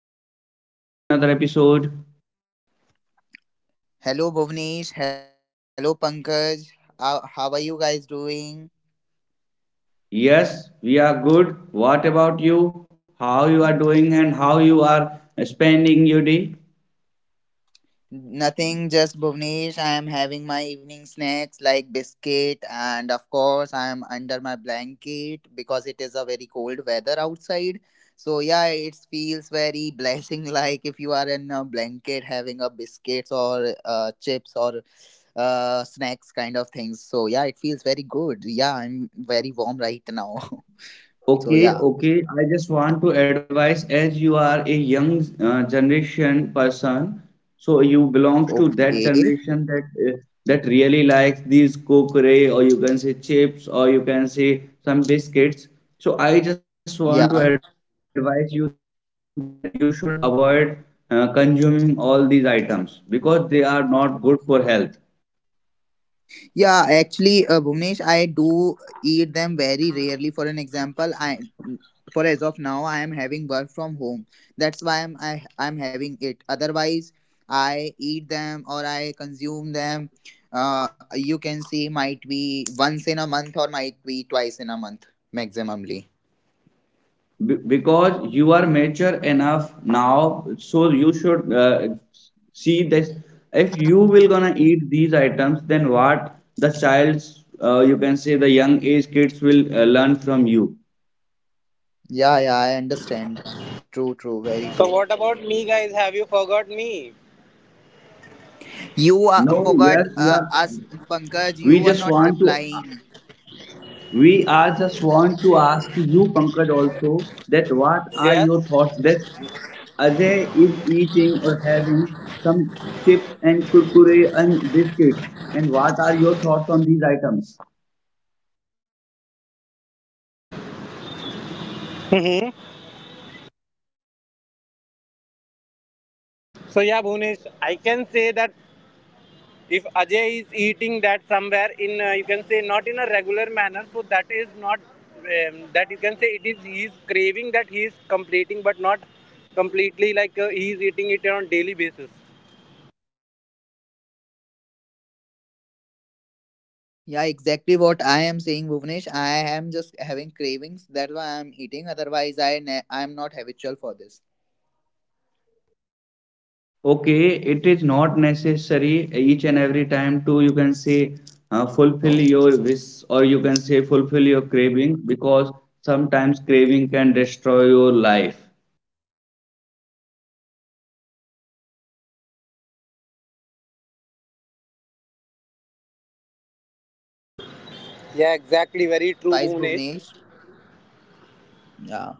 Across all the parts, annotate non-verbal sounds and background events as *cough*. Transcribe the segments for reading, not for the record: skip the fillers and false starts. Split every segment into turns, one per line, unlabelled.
Pankaj, welcome back to another episode.
Hello, Bhuvnesh. Hello, Pankaj. How are you guys doing?
Yes, we are good. What about you? How you are doing and how you are spending your day?
Nothing, just Bhuvnesh. I am having my evening snacks like biscuit, and of course, I am under my blanket because it is a very cold weather outside. So, yeah, it feels very *laughs* blessing, like if you are in a blanket having a biscuits or chips or snacks kind of things. So, yeah, it feels very good. Yeah, I'm very warm right now. *laughs* So, yeah,
Okay, okay. I just want to advise as you are a young generation person, so you belongs to that
okay.
generation that uh, that really likes these Kurkure or you can say chips or you can say some biscuits. So I just want to
Yeah.
advise you that you should avoid consuming all these items because they are not good for health.
Yeah, actually, Bhuvnesh, I do eat them very rarely. For an example, I for as of now, I am having work from home. That's why I'm having it. Otherwise, I eat them or I consume them. You can see, might be once in a month or might be twice in a month maximumly.
Because you are mature enough now so you should see this if you will gonna eat these items then what the child's you can say the young age kids will learn from you
Yeah, yeah, I understand. True, true, very
So
true.
what about me, guys? Have you forgot me?
You
no
forgot
yes yeah
us, Pankaj.
we
You are
just
not
want to
replying.
We are just want to ask you, Pankaj, also that what are
Yes.
your thoughts that Ajay is eating or having some chips and kurkure and biscuits, and what are your thoughts on these items?
So yeah, Bhunesh, I can say that if Ajay is eating that somewhere in, you can say not in a regular manner, so that is not that you can say it is his craving that he is completing, but not completely like he is eating it on daily basis.
Yeah, exactly what I am saying, Bhuvnesh. I am just having cravings. That's why I'm eating. Otherwise, I am not habitual for this.
Okay, it is not necessary each and every time to you can say fulfill your wish or you can say fulfill your craving because sometimes craving can destroy your life.
I think okay. Uh,
Yeah,
I'm
exactly.
taking your
Very true,
advice,
Bhunesh.
Bhuvnesh. Yeah.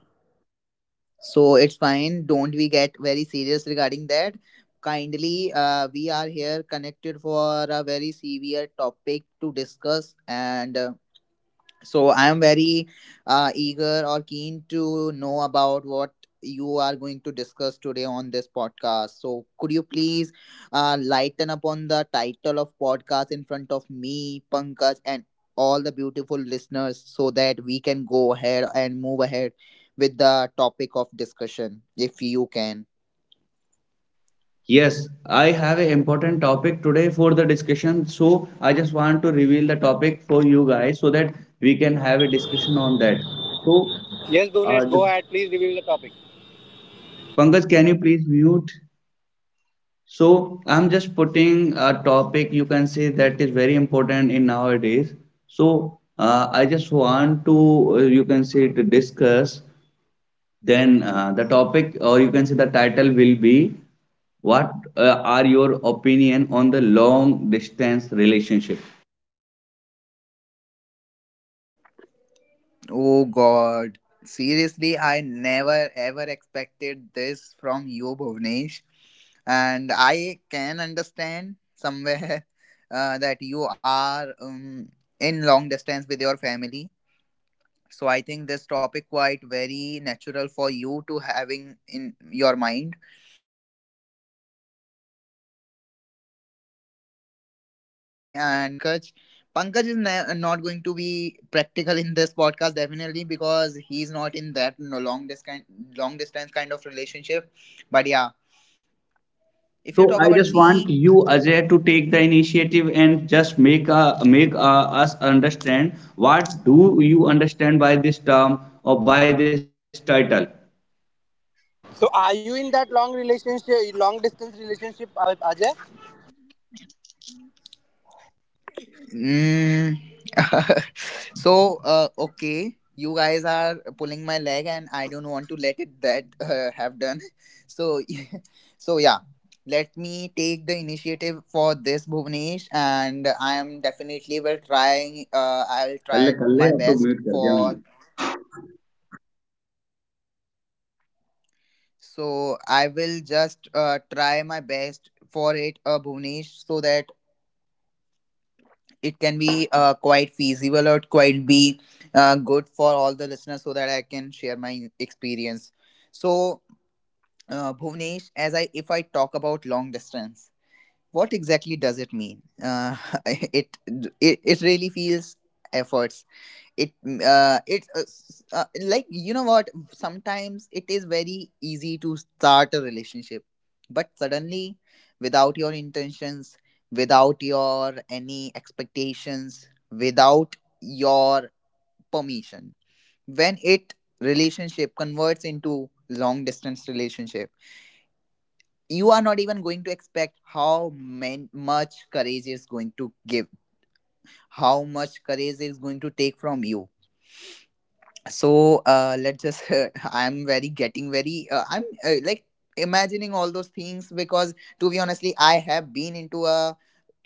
So it's fine. Don't we get very serious regarding that? Kindly, we are here connected for a very severe topic to discuss, and so I am very eager or keen to know about what you are going to discuss today on this podcast. So could you please lighten upon the title of podcast in front of me, Pankaj, and all the beautiful listeners, so that we can go ahead and move ahead with the topic of discussion, if you can.
Yes, I have an important topic today for the discussion. So I just want to reveal the topic for you guys so that we can have a discussion on that. So,
Yes, Bhunesh,
uh, the-
go ahead. Please reveal the topic.
Pankaj, can you please mute? So I'm just putting a topic you can say that is very important in nowadays. So I just want to you can say to discuss Then the topic, or you can say the title, will be What are your opinion on the long distance relationship?
Oh God. Seriously, I never ever expected this from you, Bhuvnesh. And I can understand somewhere *laughs* that you are in long distance with your family. So I think this topic quite very natural for you to having in your mind. But yeah, definitely, if we you are asking to this to me and might be pankaj is not going to be practical in this podcast definitely, because he's not in that you long distance kind of relationship. But yeah, if you
So
talk
I
about
just
me.
want you, Ajay, to take the initiative and just make us understand what do you understand by this term or by this title.
So are you in that long relationship, long distance relationship, Ajay?
Mm. *laughs* Okay, you guys are pulling my leg and I don't want to let it that *laughs* have done. *laughs* so *laughs* So yeah, let me take the initiative for this, Bhuvnesh, and I am definitely will trying, I'll try my best for. So I will just try my best for it, Bhuvnesh, so that it can be quite feasible or quite be good for all the listeners, so that I can share my experience. So, Bhuvnesh, as I if I talk about long distance, what exactly does it mean? *laughs* It, it really feels efforts. It mm, it s- Like, you know what, sometimes it is very easy to start a relationship, but suddenly, without your intentions, without your any expectations, without your permission, when it relationship converts into long distance relationship, you are not even going to expect how much courage is going to give, how much courage is going to take from you. So let's just, *laughs* I'm very getting very, I'm like imagining all those things, because to be honestly, I have been into a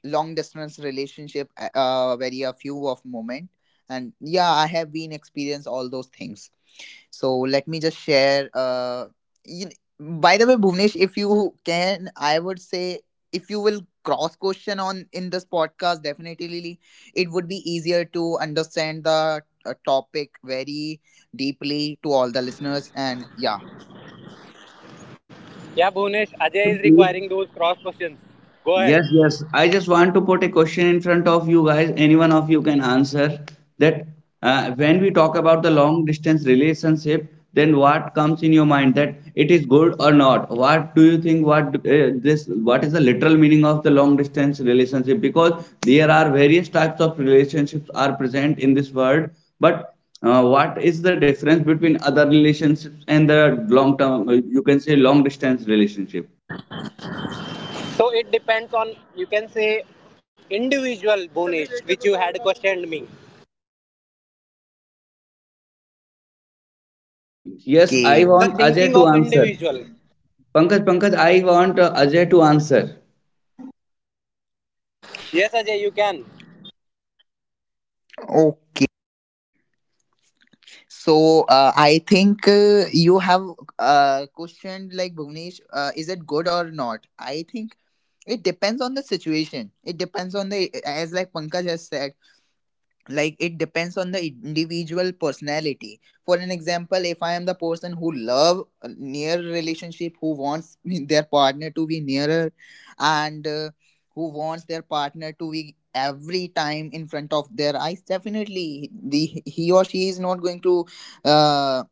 long distance relationship very a few of moment, and yeah, I have been experienced all those things. So let me just share. You, by the way, Bhuvnesh, if you can, I would say, if you will cross question on in this podcast, definitely it would be easier to understand the topic very deeply to all the listeners. And yeah,
Yeah, Bhunesh,
Can you
Ajay is
please
requiring those cross questions. Go
Yes,
ahead.
yes. I just want to put a question in front of you guys. Any one of you can answer that when we talk about the long distance relationship, then what comes in your mind that it is good or not? What do you think? What this? What is the literal meaning of the long distance relationship? Because there are various types of relationships are present in this world, but what is the difference between other relationships and the long term? You can say long distance relationship.
So it depends on, you can say, individual, Bhunesh, which you had questioned me.
Yes, I
okay,
The
want Ajay
thinking
to
of
answer.
individual.
Pankaj, I want Ajay to answer.
Yes, Ajay, you can.
okay. I think you have questioned, like, Bhuvnesh, is it good or not? I think it depends on the situation. It depends on the, as like Pankaj has said, like it depends on the individual personality. For an example, if I am the person who love a near relationship, who wants *laughs* their partner to be nearer, and who wants their partner to be every time in front of their eyes, definitely the he or she is not going to uh,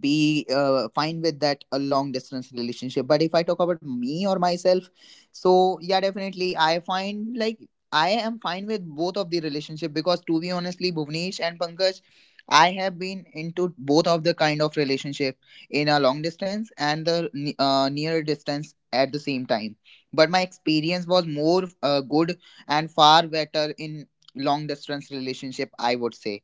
be fine with that a long distance relationship. But if I talk about me or myself, so yeah, definitely I find like I am fine with both of the relationship, because to be honestly, Bhuvnesh and Pankaj, I have been into both of the kind of relationship, in a long distance and the near distance at the same time. But my experience was more good and far better in long distance relationship, I would say.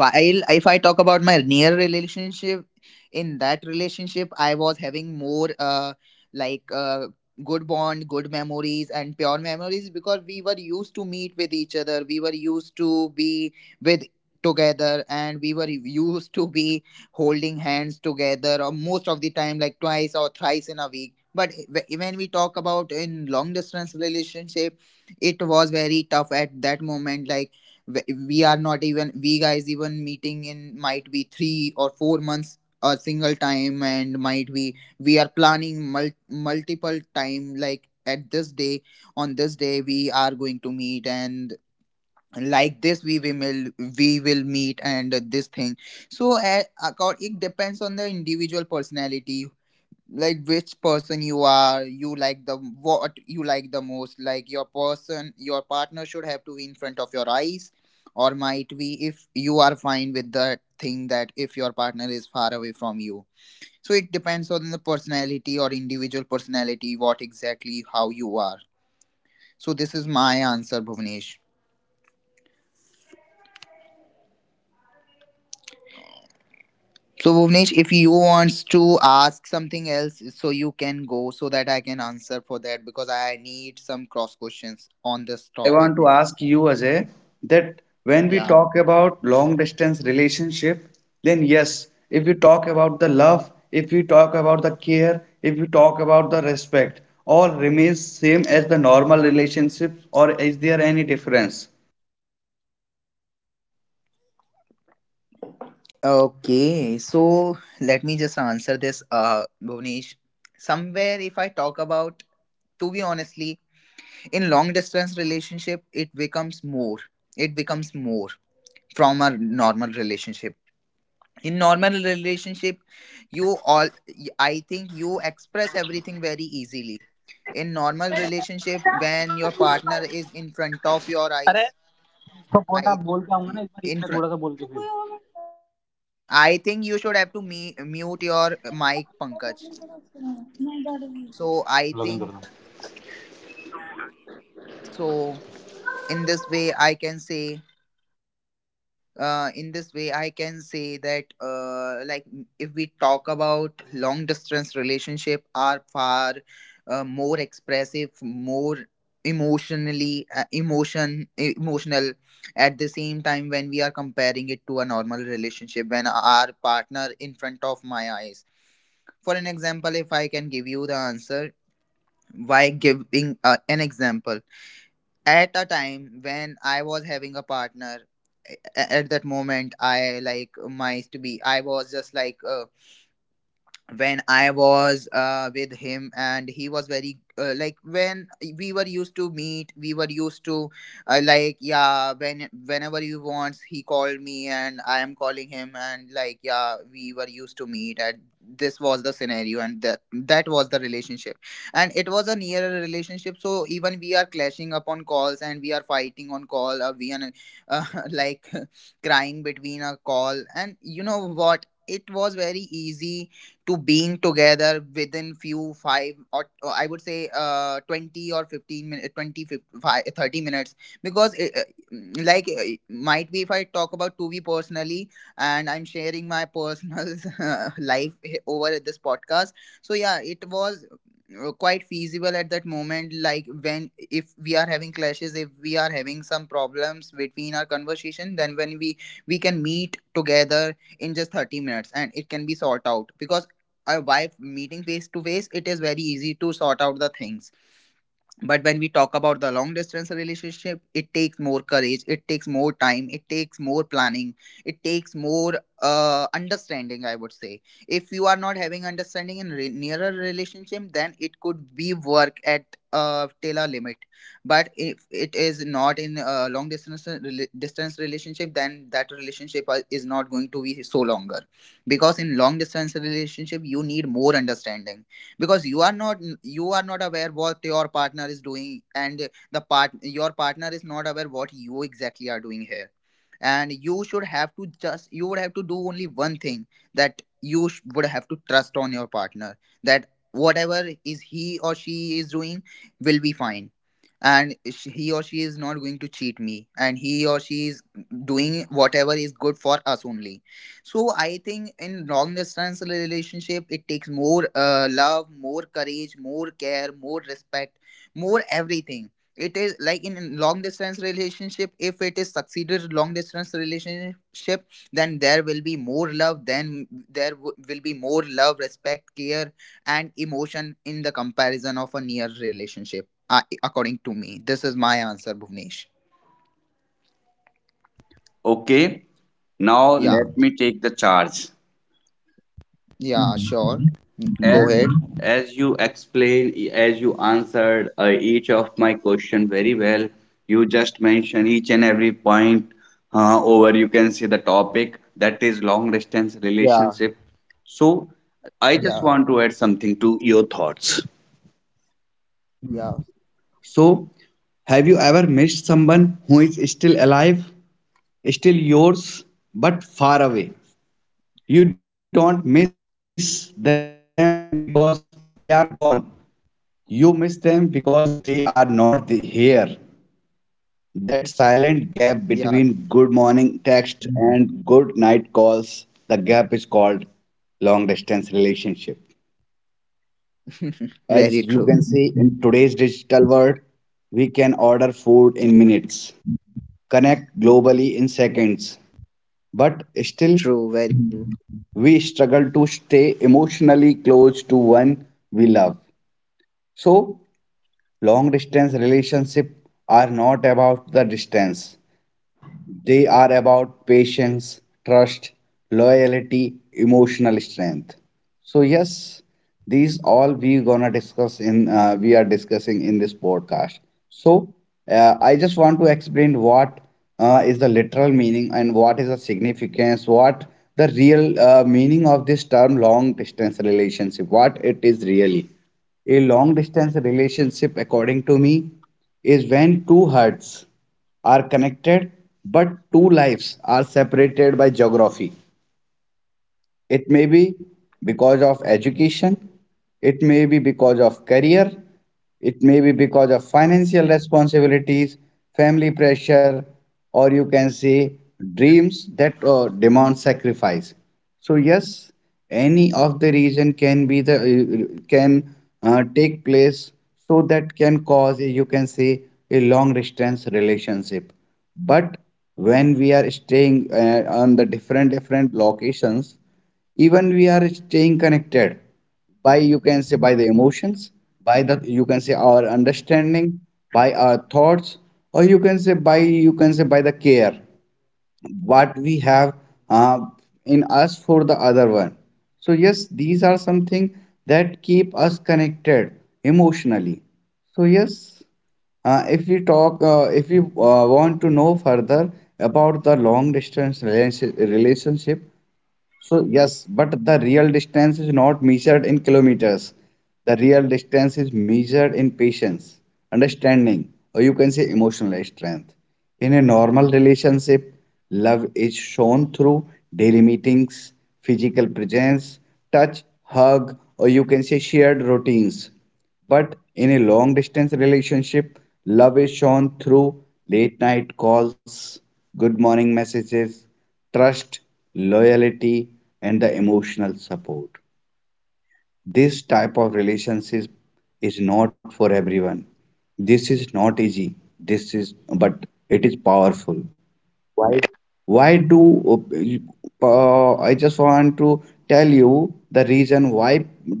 While if I talk about my near relationship, in that relationship, I was having more, like uh good bond, good memories, and pure memories, because we were used to meet with each other, we were used to be with together, and we were used to be holding hands together, or most of the time like twice or thrice in a week. But when we talk about in long distance relationship, it was very tough at that moment. Like, we are not even, we guys even meeting in might be 3 or 4 months a single time, and might be we are planning multiple time, like, at this day, on this day we are going to meet, and like this we will meet, and this thing. So it depends on the individual personality, like which person you are, you like the, what you like the most, like your person, your partner should have to be in front of your eyes, or might be if you are fine with the thing that if your partner is far away from you. So it depends on the personality or individual personality, what exactly, how you are. So this is my answer, Bhuvnesh.
Yes, Ajay,
So
you
Bhuvnesh, if you
just.
wants to ask something else, so you can go, so that I can
Yes, I
answer for
want to
that, because
ask
I
you
need some
that.
cross questions on this
Yes, I
topic.
want to ask you, Ajay, that when we
Yeah.
talk about long distance relationship, then yes, if we talk about the love, if we talk about the care, if we talk about the respect, all remains same as the normal relationships, or is there any difference?
Okay. So let me just answer this, Bhuvnesh. Somewhere, if I talk about, to be honestly, in long distance relationship, it becomes more. It becomes more from a normal relationship. In normal relationship, you all, I think you express everything very easily. In normal relationship, when your partner is in front of your eyes, I, in front. I think you should have to mute your mic, Pankaj. So I think so. In this way, I can say. In this way, I can say that, like, if we talk about long distance relationship, are far more expressive, more emotionally, emotional. At the same time, when we are comparing it to a normal relationship, when our partner in front of my eyes. For an example, if I can give you the answer, by giving an example, at a time when I was having a partner, a- at that moment I like my to be, I was just like, when I was with him, and he was very like, when we were used to meet, we were used to, like yeah, when whenever he wants, he called me and I am calling him, and like yeah, we were used to meet, and this was the scenario, and that was the relationship, and it was a nearer relationship. So even we are clashing upon calls, and we are fighting on call, or we are uh, *laughs* like crying between a call. And you know what, it was very easy to being together within few five or I would say 20 or 15 minutes, 20 50, 30 minutes, because like might be if I talk about to be personally, and I'm sharing my personal *laughs* life over this podcast. So yeah, it was quite feasible at that moment. Like, when if we are having clashes, if we are having some problems between our conversation, then when we can meet together in just 30 minutes, and it can be sorted out. Because by meeting face to face, it is very easy to sort out the things. But when we talk about the long distance relationship, it takes more courage, it takes more time, it takes more planning, it takes more understanding, I would say. If you are not having understanding in nearer relationship, then it could be work at till a limit. But if it is not in a long distance distance relationship, then that relationship is not going to be so longer, because in long distance relationship, you need more understanding, because you are not aware what your partner is doing, and the part your partner is not aware what you exactly are doing here. And you should have to just, you would have to do only one thing, that you would have to trust on your partner, that whatever is he or she is doing will be fine, and he or she is not going to cheat me, and he or she is doing whatever is good for us only. So I think in long distance relationship, it takes more love, more courage, more care, more respect, more everything. It is like in long distance relationship. If it is succeeded long distance relationship, then there will be more love. Then there will be more love, respect, care, and emotion in the comparison of a near relationship. According to me, this is my answer, Bhuvnesh.
Okay, now
Yeah,
let me take the charge.
yeah, sure. Go
As
ahead.
as you explained, as you answered each of my question very well, you just mentioned each and every point over you can see the topic that is long distance
Yeah,
relationship. So I just
yeah,
want to add something to your thoughts.
yeah.
So have you ever missed someone who is still alive, still yours, but far away? You don't miss them because they are gone. You miss them because they are not here. That silent gap between good morning text
Yeah,
and good night calls, the gap is called long distance relationship. As you can see
*laughs*
in
very
today's
true.
digital world, we can order food in minutes,
Yeah.
connect globally in seconds, but still
True, very true.
we struggle to stay emotionally close to one we love. So, long distance relationships are not about the distance, they are about patience, trust, loyalty, emotional strength. So yes, these all we gonna discuss in we are discussing in this podcast. So I just want to explain what is the literal meaning and what is the significance, what the real meaning of this term long distance relationship, what it is really. A long distance relationship, according to me, is when two hearts are connected, but two lives are separated by geography. It may be because of education, it may be because of career, it may be because of financial responsibilities, family pressure, or you can say dreams that demand sacrifice. So yes, any of the reason can be the can take place so that can cause you can say a long distance relationship. But when we are staying on the different different locations, even we are staying connected by you can say by the emotions, by the you can say our understanding, by our thoughts, or you can say by you can say by the care what we have uh, in us for the other one. So yes, these are something that keep us connected emotionally. So yes, if we talk, if you want to know further about the long distance relationship, so, yes, but the real distance is not measured in kilometers. The real distance is measured in patience, understanding, or you can say emotional strength. In a normal relationship, love is shown through daily meetings, physical presence, touch, hug, or you can say shared routines. But in a long distance relationship, love is shown through late night calls, good morning messages, trust, loyalty, and the emotional support. This type of relationship is not for everyone. This is not easy. This is, but it is powerful. Why do I just want to tell you the reason why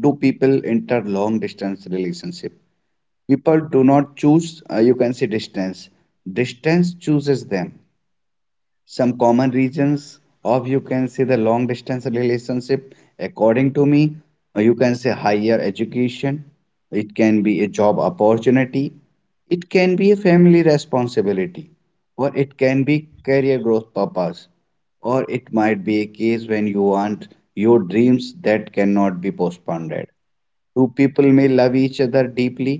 do people enter long distance relationship? People do not choose. You can say distance. Distance chooses them. Some common reasons of you can say the long distance relationship according to me, you can say higher education, it can be a job opportunity, it can be a family responsibility, or it can be career growth purpose, or it might be a case when you want your dreams that cannot be postponed. Two people may love each other deeply,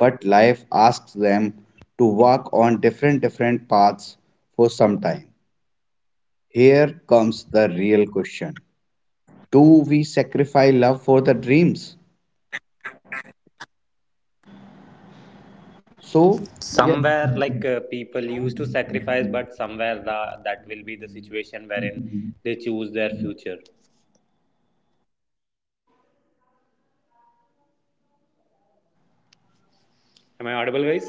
but life asks them to walk on different different paths for some time. Here comes the real question. Do we sacrifice love for the dreams? So, yeah,
Somewhere people used to sacrifice, but somewhere the will be the situation wherein they choose their future. Am I audible, guys?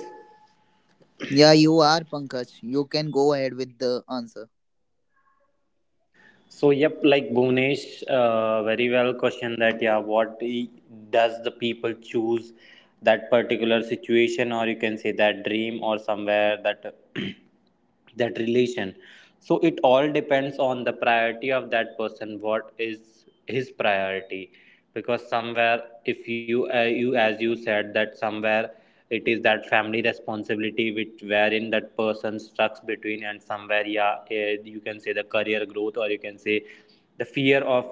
Yeah, you are Pankaj. You can go ahead with the answer.
So yep, like Bhuvnesh very well question, that yeah, does the people choose that particular situation, or you can say that dream, or somewhere that *clears throat* that relation. So it all depends on the priority of that person, what is his priority, because somewhere if you, as you said that somewhere it is that family responsibility which wherein that person strucks between, and somewhere yeah, you can say the career growth or you can say the fear of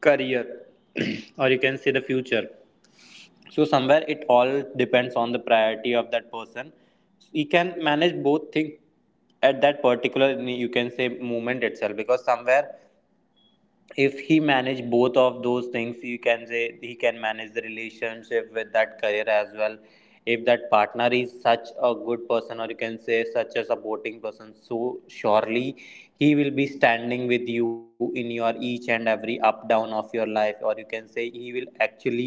career *clears throat* or you can say the future. So somewhere it all depends on the priority of that person. He can manage both things at that particular, you can say, moment itself, because somewhere if he manage both of those things, you can say he can manage the relationship with that career as well. If that partner is such a good person, or you can say such a supporting person, so surely he will be standing with you in your each and every up down of your life, or you can say he will actually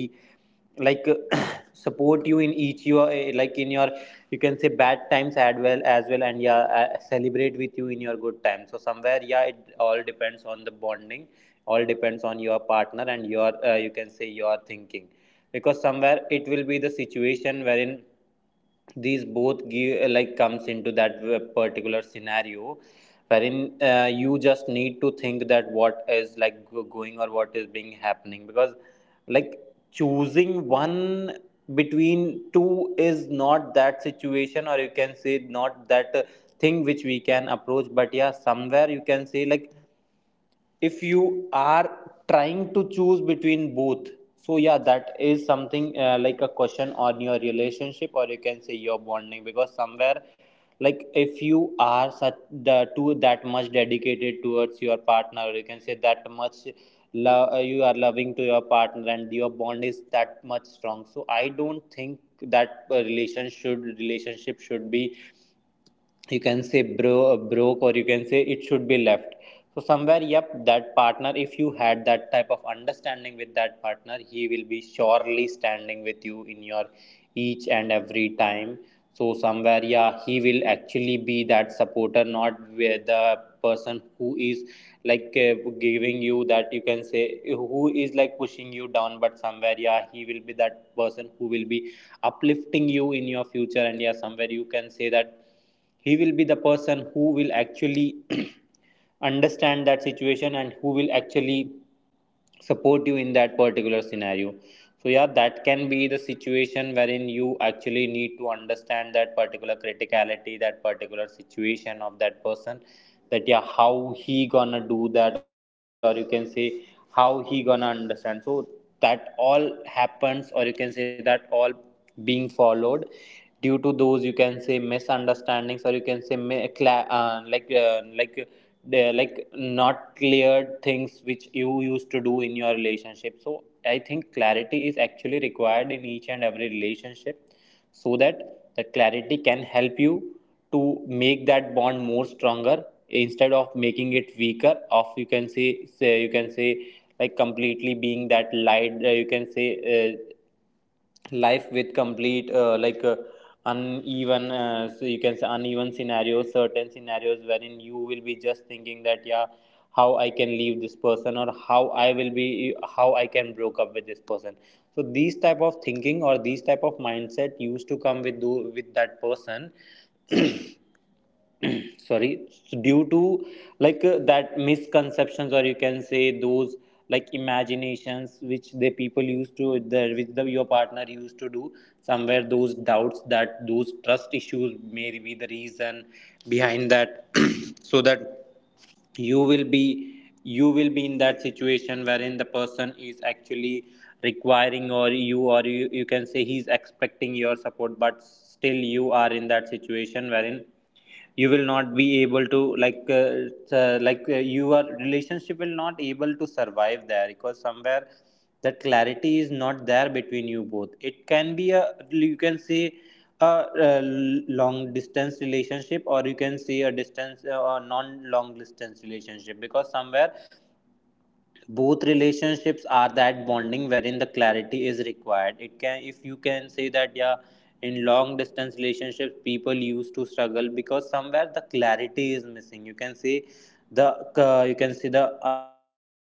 like *coughs* support you in like in your, you can say, bad times as well as well, and yeah, celebrate with you in your good times. So somewhere yeah, it all depends on the bonding, all depends on your partner and your, you can say, your thinking, because somewhere it will be the situation wherein these both like comes into that particular scenario wherein you just need to think that what is like going or what is being happening, because like choosing one between two is not that situation, or you can say not that thing which we can approach. But yeah, somewhere you can say like if you are trying to choose between both, so yeah, that is something like a question on your relationship, or you can say your bonding, because somewhere like if you are such the too that much dedicated towards your partner, or you can say that much love, you are loving to your partner and your bond is that much strong, so I don't think that relationship should be, you can say, broke, or you can say it should be left. So somewhere yep, that partner, if you had that type of understanding with that partner, he will be surely standing with you in your each and every time. So somewhere yeah, he will actually be that supporter, not with the person who is like uh, giving you that, you can say who is like pushing you down, but somewhere yeah, he will be that person who will be uplifting you in your future, and yeah somewhere you can say that he will be the person who will actually *clears throat* understand that situation and who will actually support you in that particular scenario. So yeah, that can be the situation wherein you actually need to understand that particular criticality, that particular situation of that person, that yeah, how he gonna do that, or you can say how he gonna understand. So that all happens, or you can say that all being followed due to those, you can say, misunderstandings, or you can say like the, like not cleared things which you used to do in your relationship. So I think clarity required in each and every relationship, so that that clarity can help you to make that bond more stronger, instead of making it weaker of you can say, you can say like completely being that light, you can say, life with complete uneven, so you can say uneven scenarios, certain scenarios wherein you will be just thinking that yeah, how I can leave this person, or how I can broke up with this person. So these type of thinking or these type of mindset used to come with do with that person. *coughs* Sorry. So due to that misconceptions, or you can say those like imaginations which the people used to the which the your partner used to do, somewhere those doubts, that those trust issues may be the reason behind that. *clears throat* So that you will be, you will be in that situation wherein the person is actually requiring, or you can say he's expecting your support, but still you are in that situation wherein you will not be able to your relationship will not able to survive there, because somewhere that clarity is not there between you both. It can be a, you can say, a, uh long distance relationship, or you can say a distance or non long distance relationship, because somewhere both relationships are that bonding wherein the clarity is required. It can, if you can say that yeah, in long distance relationships people used to struggle, because somewhere the clarity is missing, you can say the you can see the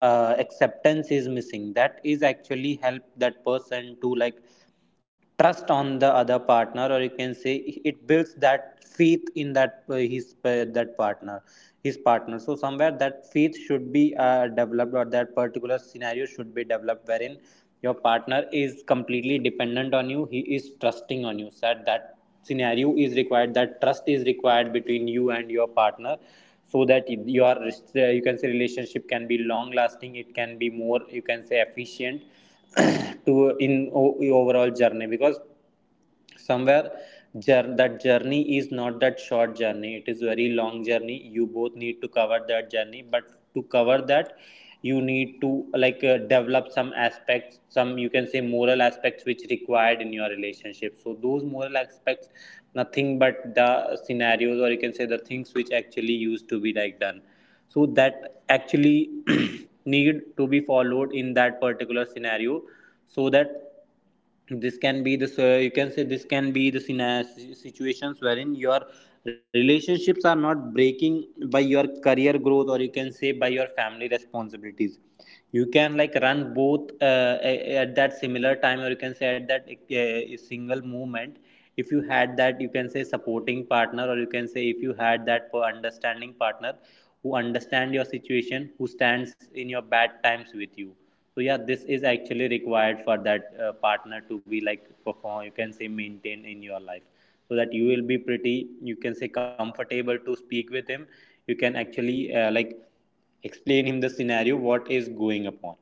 acceptance is missing, that is actually help that person to like trust on the other partner, or you can say it builds that faith in that his that partner, his partner. So somewhere that faith should be developed, or that particular scenario should be developed wherein your partner is completely dependent on you, he is that, scenario is required, that trust is required between you and your partner, so that your, you can say, relationship can be long lasting, it can be more, you can say, efficient *clears throat* to in overall journey, because somewhere that journey is not that short journey, it is very long journey. You both need to cover that journey, but to cover that you need to develop some aspects, some you can say moral aspects which required in your relationship, so those moral aspects nothing but the scenarios, or you can say the things which actually used to be like done, so that actually *clears throat* need to be followed in that particular scenario. So that this can be the you can say this can be the situations wherein your relationships are not breaking by your career growth, or you can say by your family responsibilities. You can like run both at that similar time, or you can say at that single moment, if you had that, you can say, supporting partner, or you can say if you had that per understanding partner, who understand your situation, who stands in your bad times with you. So yeah, this is actually required for that partner to be like perform, you can say maintain in your life, so that you will be pretty, you can say, comfortable to speak with him. You can actually like explain him the scenario, what is going upon.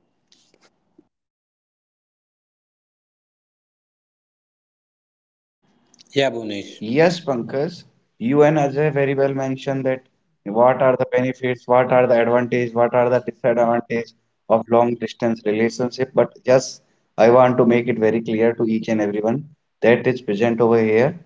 Yeah, Bhunesh.
yes, Pankaj, you and Ajay very well mentioned that what are the benefits, what are the advantage, what are the disadvantage of long distance relationship. But yes, I want to make it very clear to each and everyone that is present over here,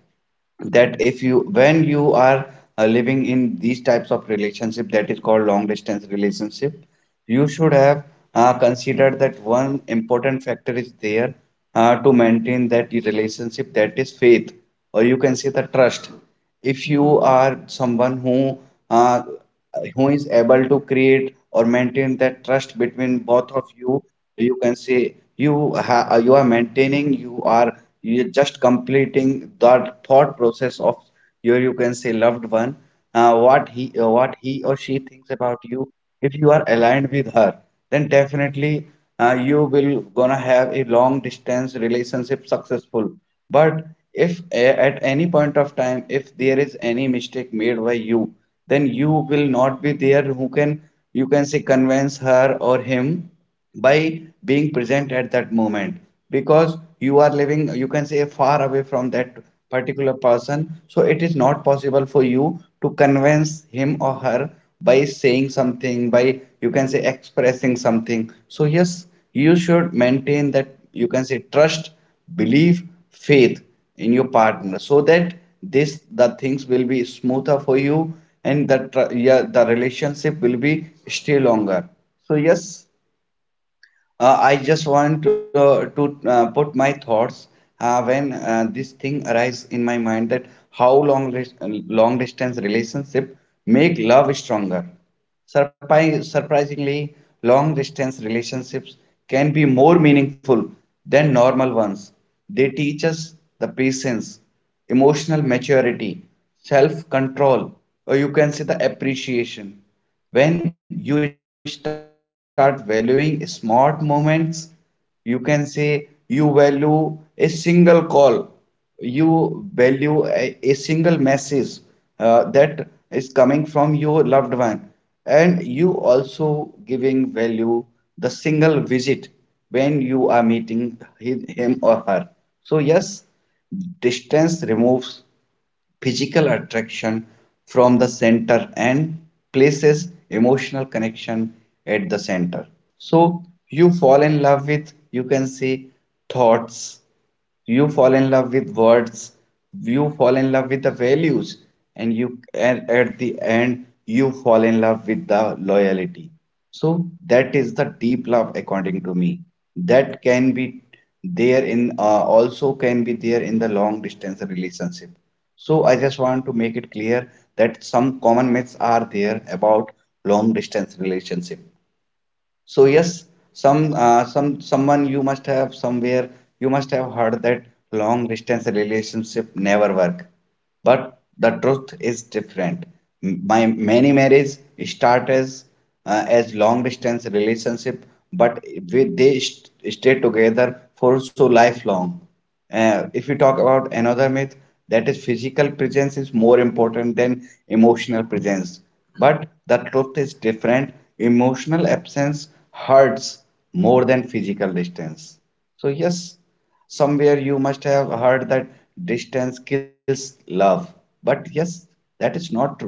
that if you when you are living in these types of relationship that is called long distance relationship, you should have considered that one important factor is there to maintain that relationship, that is faith or you can say the trust. If you are someone uh, who is able to create or maintain that trust between both of you, you can say you you are maintaining, you are you just completing that thought process of your you can say loved one, what he or she thinks about you. If you are aligned with her, then definitely you will gonna have a long distance relationship successful. But if at any point of time, if there is any mistake made by you, then you will not be there who can you can say convince her or him by being present at that moment, because you are living you can say far away from that particular person. So it is not possible for you to convince him or her by saying something by you can say expressing something. So yes, you should maintain that you can say trust, belief, faith in your partner, so that this the things will be smoother for you, and yeah, the relationship will be stay longer. So yes, I just want to put my thoughts when this thing arises in my mind that how long distance relationship make love stronger. Surprisingly, long distance relationships can be more meaningful than normal ones. They teach us the patience, emotional maturity, self control, or you can say the appreciation. When you start valuing smart moments, you can say you value a single call, you value a single message that is coming from your loved one, and you also giving value the single visit when you are meeting him or her. So yes, distance removes physical attraction from the center and places emotional connection at the center. So you fall in love with, you can say, thoughts, you fall in love with words, you fall in love with the values, and you and at the end you fall in love with the loyalty. So that is the deep love according to me, that can be there in also can be there in the long distance relationship. So I just want to make it clear that some common myths are there about long distance relationship. So yes, some someone you must have somewhere you must have heard that long distance relationship never work, but the truth is different. My many marriages start as long distance relationship, but they stay together for so lifelong. If we talk about another myth, that is physical presence is more important than emotional presence. But the truth is different. Emotional absence hurts more than physical distance. So, yes, somewhere you must have heard that distance kills love. But yes, that is not true.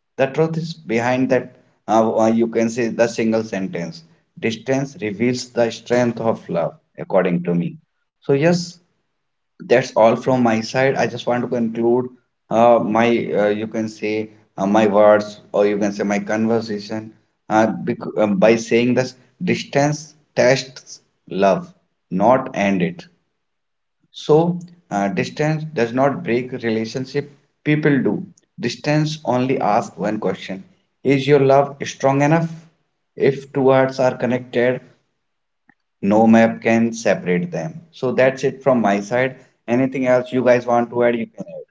The truth is behind that, you can say the single sentence. Distance reveals the strength of love, according to me. So, yes, that's all from my side. I just want to conclude uh, my, you can say, my words or you can say my conversation by saying this distance tests love, not end it. So, distance does not break relationship, people do. Distance only asks one question. Is your love strong enough? If two hearts are connected, no map can separate them. So that's it from my side. Anything else you guys want to add, you can add.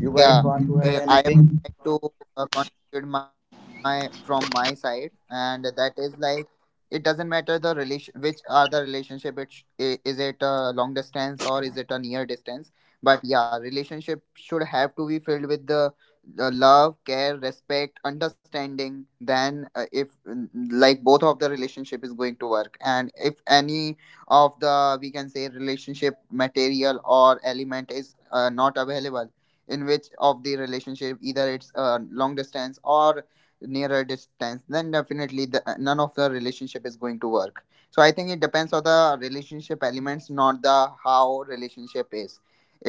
You guys
So
want
yeah,
to add
I
anything?
would like to contribute my from my side, and that is like, it doesn't matter the relation, which are the relationship. Is it a long distance or is it a near distance? But yeah, relationship should have to be filled with the love, care, respect, understanding. Then if like both of the relationship is going to work, and if any of the, we can say, relationship material or element is not available in which of the relationship, either it's a long distance or nearer distance, then definitely none of the relationship is going to work. So I think it depends on the relationship elements, not the how relationship is.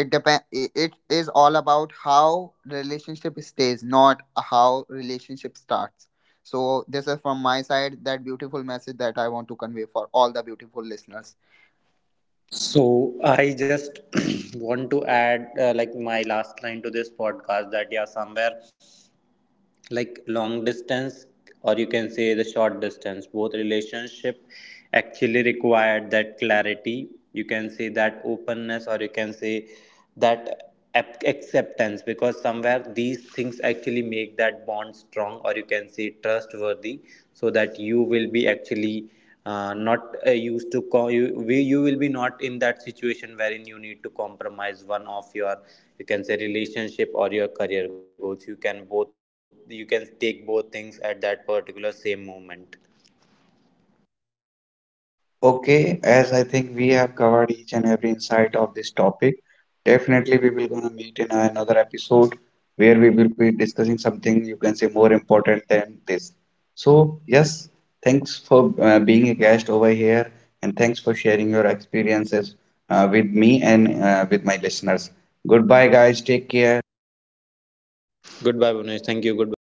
It depend it It is all about how relationship stays, not how relationship starts. So this is from my side, that beautiful message that I want to convey for all the beautiful listeners.
So I just *clears throat* want to add like my last line to this podcast, that yeah somewhere like long distance, or you can say the short distance, both relationship actually required that clarity, you can say that openness, or you can say that acceptance, because somewhere these things actually make that bond strong, or you can say trustworthy, so that you will be actually not used to you will be not in that situation wherein you need to compromise one of your, you can say, relationship or your career goals. You can both, you can take both things at that particular same moment.
Okay, as I think we have covered each and every insight of this topic, definitely we will gonna meet in another episode where we will be discussing something you can say more important than this. So yes, thanks for being a guest over here and thanks for sharing your experiences with me and with my listeners. Goodbye, guys. Take care.
Goodbye, Bunesh. Thank you. Goodbye.